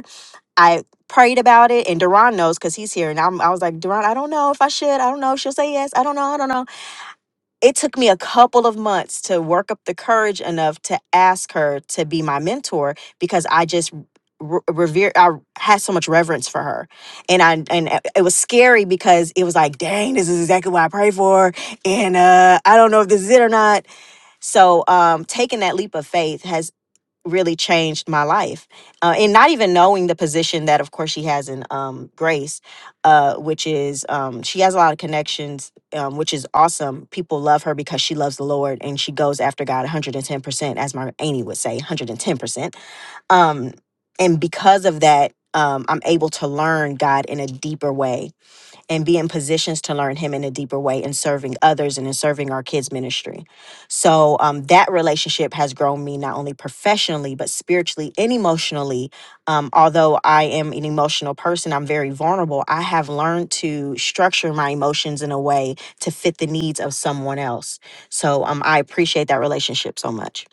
I prayed about it, and Duran knows because he's here. And I'm, I was like, Duran, I don't know if I should. I don't know if she'll say yes. I don't know. I don't know. It took me a couple of months to work up the courage enough to ask her to be my mentor because I just re- revere. I had so much reverence for her, and I and it it was scary because it was like, dang, this is exactly what I prayed for, and uh, I don't know if this is it or not. So, um, taking that leap of faith has really changed my life uh, and not even knowing the position that of course she has in um, grace uh, which is um, she has a lot of connections um, which is awesome people love her because she loves the lord and she goes after god 110% as my auntie would say 110% um, and because of that um, i'm able to learn god in a deeper way and be in positions to learn him in a deeper way and serving others and in serving our kids ministry so um, that relationship has grown me not only professionally but spiritually and emotionally um, although i am an emotional person i'm very vulnerable i have learned to structure my emotions in a way to fit the needs of someone else so um, i appreciate that relationship so much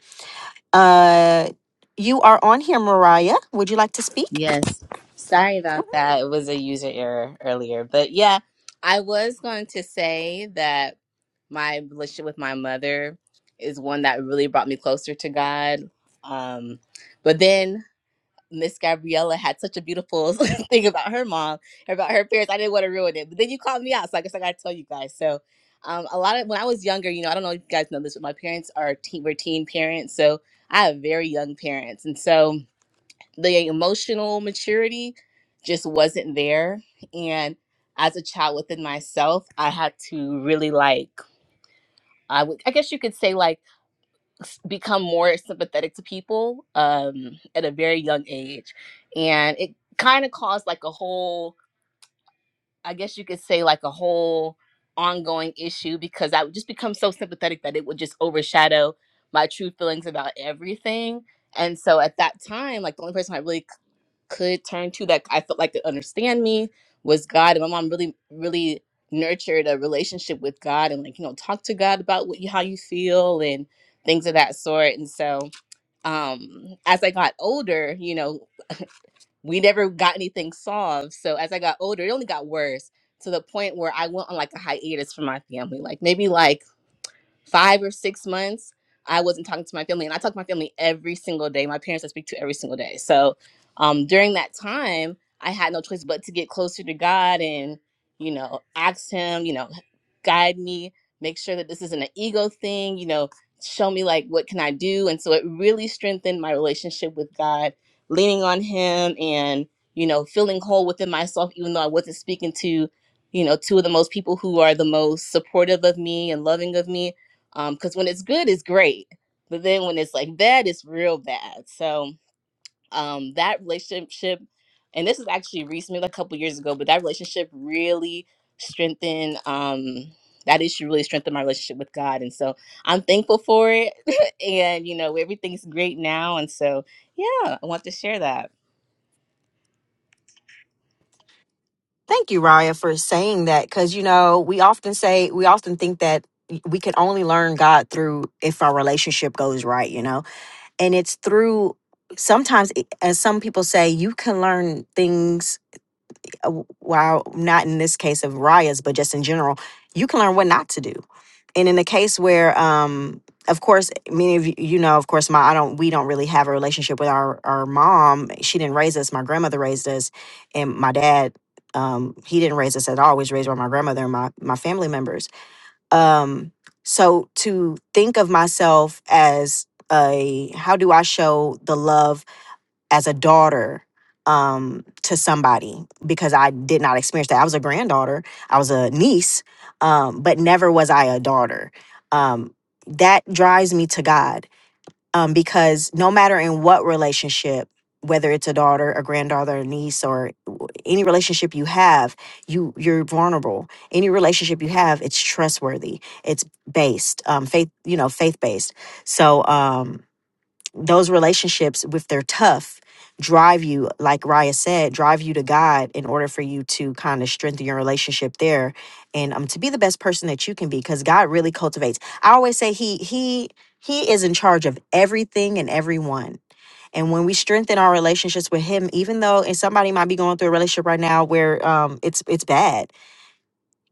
uh, you are on here mariah would you like to speak Yes. Sorry about that. It was a user error earlier. But yeah, I was going to say that my relationship with my mother is one that really brought me closer to God. Um, but then Miss Gabriella had such a beautiful thing about her mom, about her parents. I didn't want to ruin it. But then you called me out. So I guess I got to tell you guys. So um, a lot of when I was younger, you know, I don't know if you guys know this, but my parents are teen, were teen parents. So I have very young parents. And so the emotional maturity just wasn't there and as a child within myself i had to really like i would i guess you could say like s- become more sympathetic to people um at a very young age and it kind of caused like a whole i guess you could say like a whole ongoing issue because i would just become so sympathetic that it would just overshadow my true feelings about everything and so at that time like the only person i really could turn to that I felt like could understand me was God. And my mom really, really nurtured a relationship with God and like, you know, talk to God about what you, how you feel and things of that sort. And so um as I got older, you know, we never got anything solved. So as I got older, it only got worse to the point where I went on like a hiatus from my family. Like maybe like five or six months, I wasn't talking to my family. And I talk to my family every single day. My parents I speak to every single day. So um, during that time, I had no choice but to get closer to God and, you know, ask Him, you know, guide me, make sure that this isn't an ego thing, you know, show me like what can I do. And so it really strengthened my relationship with God, leaning on Him and, you know, feeling whole within myself, even though I wasn't speaking to, you know, two of the most people who are the most supportive of me and loving of me um because when it's good it's great but then when it's like bad it's real bad so um that relationship and this is actually recently like a couple years ago but that relationship really strengthened um that issue really strengthened my relationship with god and so i'm thankful for it and you know everything's great now and so yeah i want to share that Thank you, Raya, for saying that because you know we often say we often think that we can only learn God through if our relationship goes right, you know, and it's through sometimes it- as some people say you can learn things uh, w- while not in this case of Raya's, but just in general, you can learn what not to do and in the case where um of course many of you you know of course my i don't we don't really have a relationship with our our mom she didn't raise us my grandmother raised us and my dad um he didn't raise us at all I was raised by my grandmother and my my family members um so to think of myself as a how do i show the love as a daughter um to somebody because I did not experience that. I was a granddaughter, I was a niece, um, but never was I a daughter. Um that drives me to God. Um, because no matter in what relationship, whether it's a daughter, a granddaughter, a niece, or w- any relationship you have, you you're vulnerable. Any relationship you have, it's trustworthy. It's based, um, faith, you know, faith based. So um those relationships if they're tough drive you like raya said drive you to god in order for you to kind of strengthen your relationship there and um to be the best person that you can be because god really cultivates i always say he he he is in charge of everything and everyone and when we strengthen our relationships with him even though and somebody might be going through a relationship right now where um it's it's bad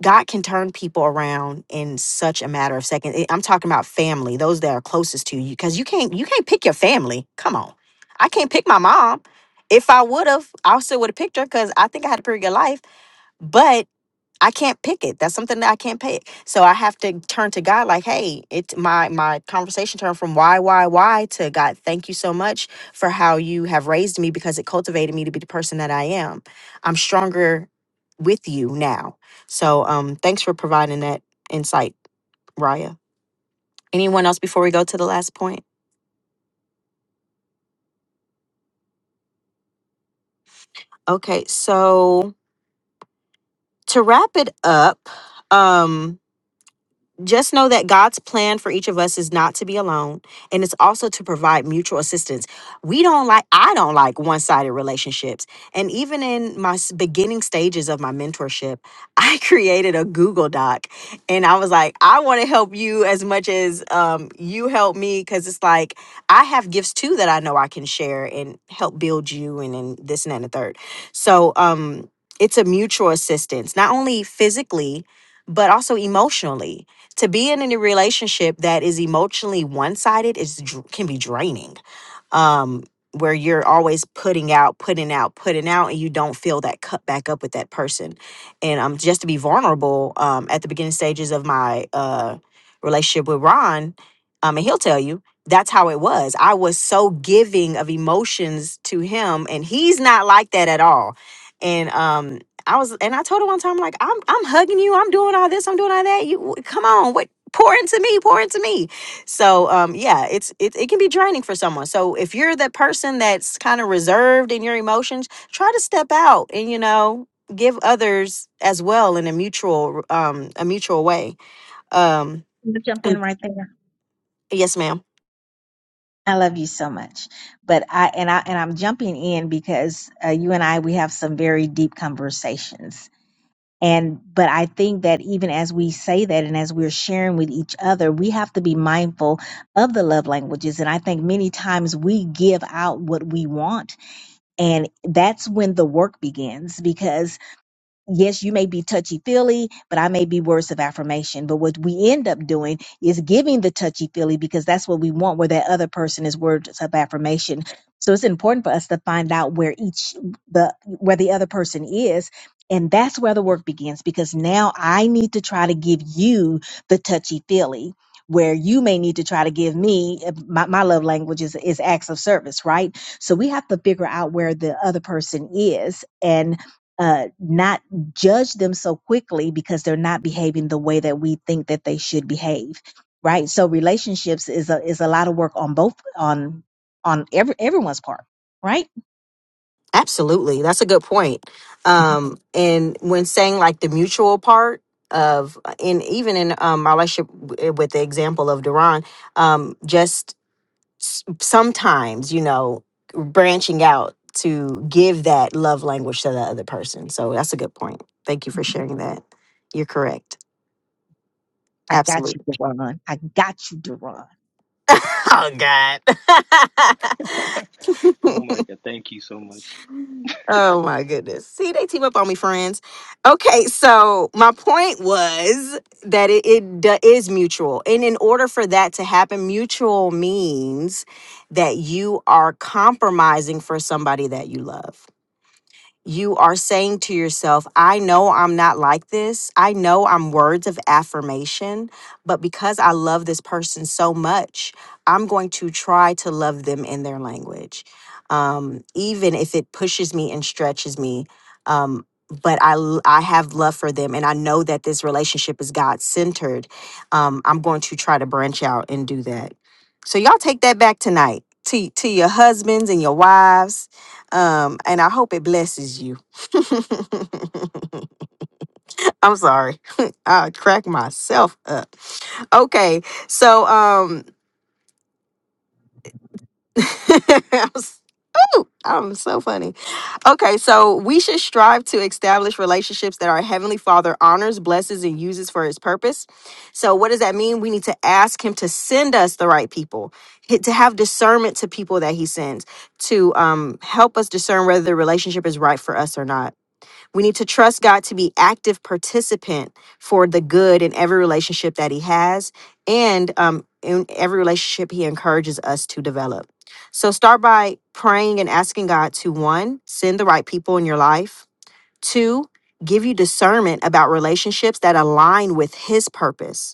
God can turn people around in such a matter of seconds. It- I'm talking about family, those that are closest to you, because you can't you can't pick your family. Come on, I can't pick my mom. If I would have, I still would have picked her because I think I had a pretty good life. But. I can't pick it. That's something that I can't pick. So I have to turn to God like, hey, it my my conversation turned from why, why, why to God, thank you so much for how you have raised me because it cultivated me to be the person that I am. I'm stronger with you now. So um thanks for providing that insight, Raya. Anyone else before we go to the last point? Okay, so to wrap it up, um, just know that God's plan for each of us is not to be alone and it's also to provide mutual assistance. We don't like I don't like one-sided relationships. And even in my s- beginning stages of my mentorship, I created a Google Doc and I was like, I want to help you as much as um, you help me cuz it's like I have gifts too that I know I can share and help build you and then this and that and the third. So, um it's a mutual assistance, not only physically, but also emotionally to be in any relationship that is emotionally one-sided is dr- can be draining um, where you're always putting out, putting out, putting out, and you don't feel that cut back up with that person. And um, just to be vulnerable, um, at the beginning stages of my uh, relationship with Ron, um, and he'll tell you that's how it was. I was so giving of emotions to him, and he's not like that at all. And um, I was, and I told him one time, like, I'm, I'm hugging you, I'm doing all this, I'm doing all that. You come on, what? Pour into me, pour into me so um yeah, it's it, it can be draining for someone. So if you're that person that's kind of reserved in your emotions, try to step out and you know, give others as well in a mutual um a mutual way. Um I'm gonna jump in Mm. right there. yes ma'am. I love you so much, but I and I and I'm jumping in because uh, you and I we have some very deep conversations. And but I think that even as we say that and as we're sharing with each other, we have to be mindful of the love languages. And I think many times we give out what we want, and that's when the work begins. Because yes, you may be touchy feely, but I may be words of affirmation. But what we end up doing is giving the touchy feely because that's what we want, where that other person is words of affirmation. So it's important for us to find out where each the where the other person is. And that's where the work begins because now I need to try to give you the touchy feely where you may need to try to give me my, my love language is, is acts of service, right? So we have to figure out where the other person is and uh, not judge them so quickly because they're not behaving the way that we think that they should behave right so relationships is a is a lot of work on both on on every everyone's part right Absolutely. That's a good point. Um and when saying like the mutual part of uh, and even in um my relationship w- eh, with the example of Duran, um just s- sometimes you know branching out to give that love language to the other person so that's a good point thank you for sharing that you're correct i got you absolutely Deron. i got you Deron. oh god Oh my God! Thank you so much. oh my goodness see they team up on me friends okay so my point was that it, it do- is mutual and in order for that to happen mutual means that you are compromising for somebody that you love you are saying to yourself, I know I'm not like this. I know I'm words of affirmation, but because I love this person so much, I'm going to try to love them in their language, um, even if it pushes me and stretches me. Um, but I, l- I have love for them, and I know that this relationship is God centered. Um, I'm going to try to branch out and do that. So y'all take that back tonight to to your husbands and your wives um, and I hope it blesses you. I'm sorry. I crack myself up. Okay, so um I'm ooh, I'm so funny. Okay, so we should strive to establish relationships that our Heavenly Father honors, blesses, and uses for His purpose. So, what does that mean? We need to ask Him to send us the right people, h- to have discernment to people that He sends, to um, help us discern whether the relationship is right for us or not We need to trust God to be active participant for the good in every relationship that He has and um, in every relationship He encourages us to develop. So start by praying and asking God to one, send the right people in your life, two, give you discernment about relationships that align with His purpose,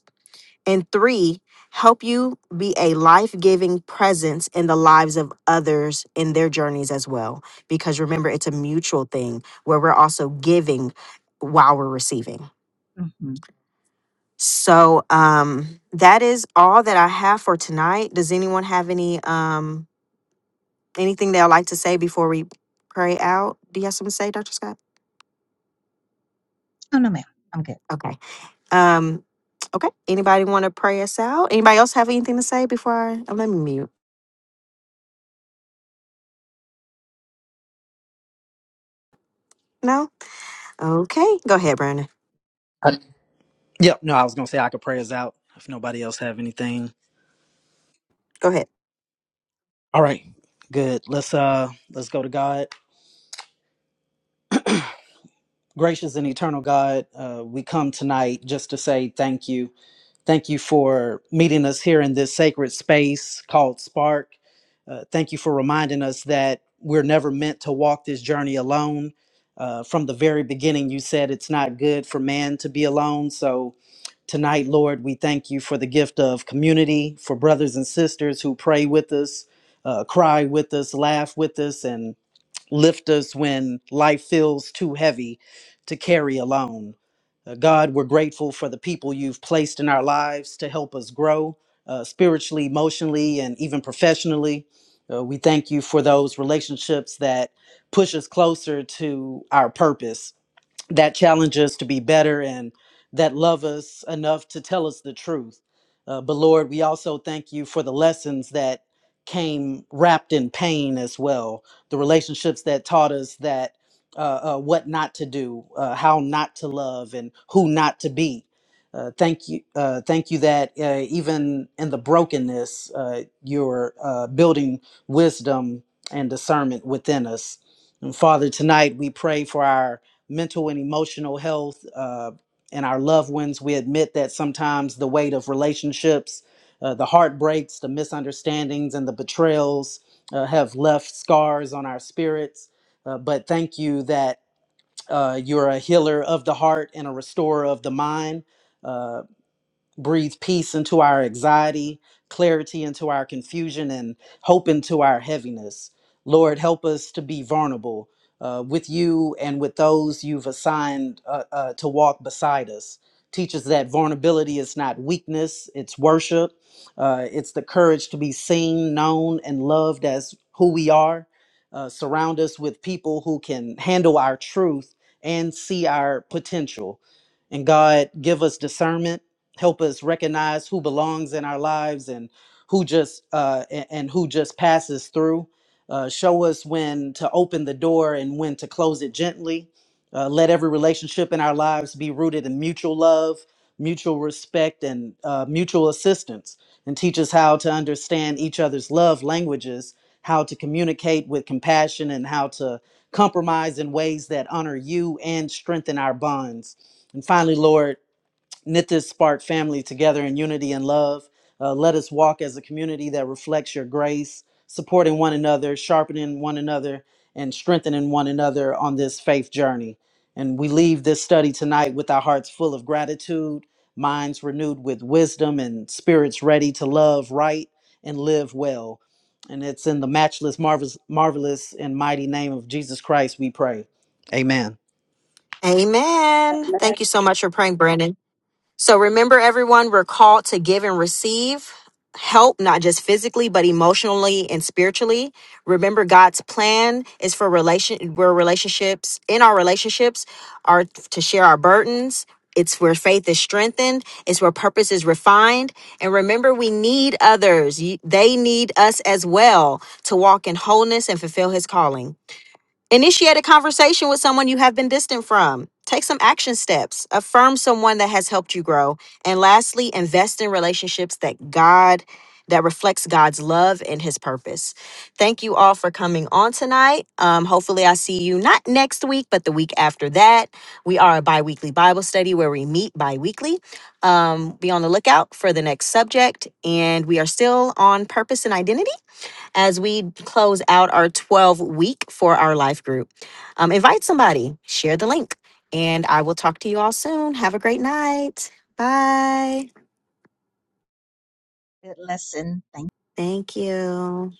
and three, help you be a life giving presence in the lives of others in their journeys as well. Because remember, it's a mutual thing where we're also giving while we're receiving. hmm So um, that is all that I have for tonight. Does anyone have any um, anything they'd like to say before we pray out? Do you have something to say, Dr. Scott? oh no ma'am i'm good Okay. Um, okay. Anybody want to pray us out? Anybody else have anything to say before I oh, let me mute? No? Okay. Go ahead, Brandon. Uh, yep no i was gonna say i could pray us out if nobody else have anything Go ahead. all right good let's uh let's go to god gracious and eternal god uh, we come tonight just to say thank you Thank you for meeting us here in this sacred space called Spark. Uh, thank you for reminding us that we're never meant to walk this journey alone. Uh, from the very beginning, you said it's not good for man to be alone. So tonight, Lord, we thank you for the gift of community, for brothers and sisters who pray with us, uh, cry with us, laugh with us, and. Lift us when life feels too heavy to carry alone. Uh, God, we're grateful for the people you've placed in our lives to help us grow uh, spiritually, emotionally, and even professionally. Uh, we thank you for those relationships that push us closer to our purpose that challenge us to be better and that love us enough to tell us the truth. Uh, but Lord, we also thank you for the lessons that came wrapped in pain as well, the relationships that taught us that uh, uh, what not to do, uh, how not to love, and who not to be. Uh, thank you, uh, thank you that uh, even in the brokenness, uh, you're uh, building wisdom and discernment within us. And Father, tonight we pray for our mental and emotional health uh, and our loved ones. We admit that sometimes the weight of relationships, uh, the heartbreaks, the misunderstandings, and the betrayals uh, have left scars on our spirits. Uh, but thank you that uh, you're a healer of the heart and a restorer of the mind. Uh, breathe peace into our anxiety, clarity into our confusion, and hope into our heaviness. Lord, help us to be vulnerable uh, with you and with those you've assigned uh, uh, to walk beside us. Teach us that vulnerability is not weakness, it's worship. Uh, it's the courage to be seen, known, and loved as who we are. Uh, surround us with people who can handle our truth and see our potential. And God, give us discernment help us recognize who belongs in our lives and who just uh, a- and, who just passes through. Uh, show us when to open the door and when to close it gently. Uh, let every relationship in our lives be rooted in mutual love, mutual respect, and uh, mutual assistance. And teach us how to understand each other's love languages, how to communicate with compassion, and how to compromise in ways that honor you and strengthen our bonds. And finally, Lord, knit this spark family together in unity and love. Uh, let us walk as a community that reflects your grace, supporting one another, sharpening one another, and strengthening one another on this faith journey. And we leave this study tonight with our hearts full of gratitude, minds renewed with wisdom, and spirits ready to love right and live well. And it's in the matchless, marvelous, marvelous, and mighty name of Jesus Christ we pray. Amen. Amen. Amen. Thank you so much for praying, Brandon. So remember, everyone, we're called to give and receive help, not just physically, but emotionally and spiritually. Remember, God's plan is for relation, where relationships, in our relationships, are to share our burdens. It's where faith is strengthened. It's where purpose is refined. And remember, we need others. You- They need us as well to walk in wholeness and fulfill his calling. Initiate a conversation with someone you have been distant from. Take some action steps. Affirm someone that has helped you grow. And lastly, invest in relationships that God that reflects God's love and his purpose. Thank you all for coming on tonight. Um, hopefully I see you not next week, but the week after that. We are a bi-weekly Bible study where we meet bi-weekly. Um, be on the lookout for the next subject. And we are still on purpose and identity as we close out our 12 week for our life group. Um, invite somebody, share the link, and I will talk to you all soon. Have a great night. Bye. good lesson thank Thank you.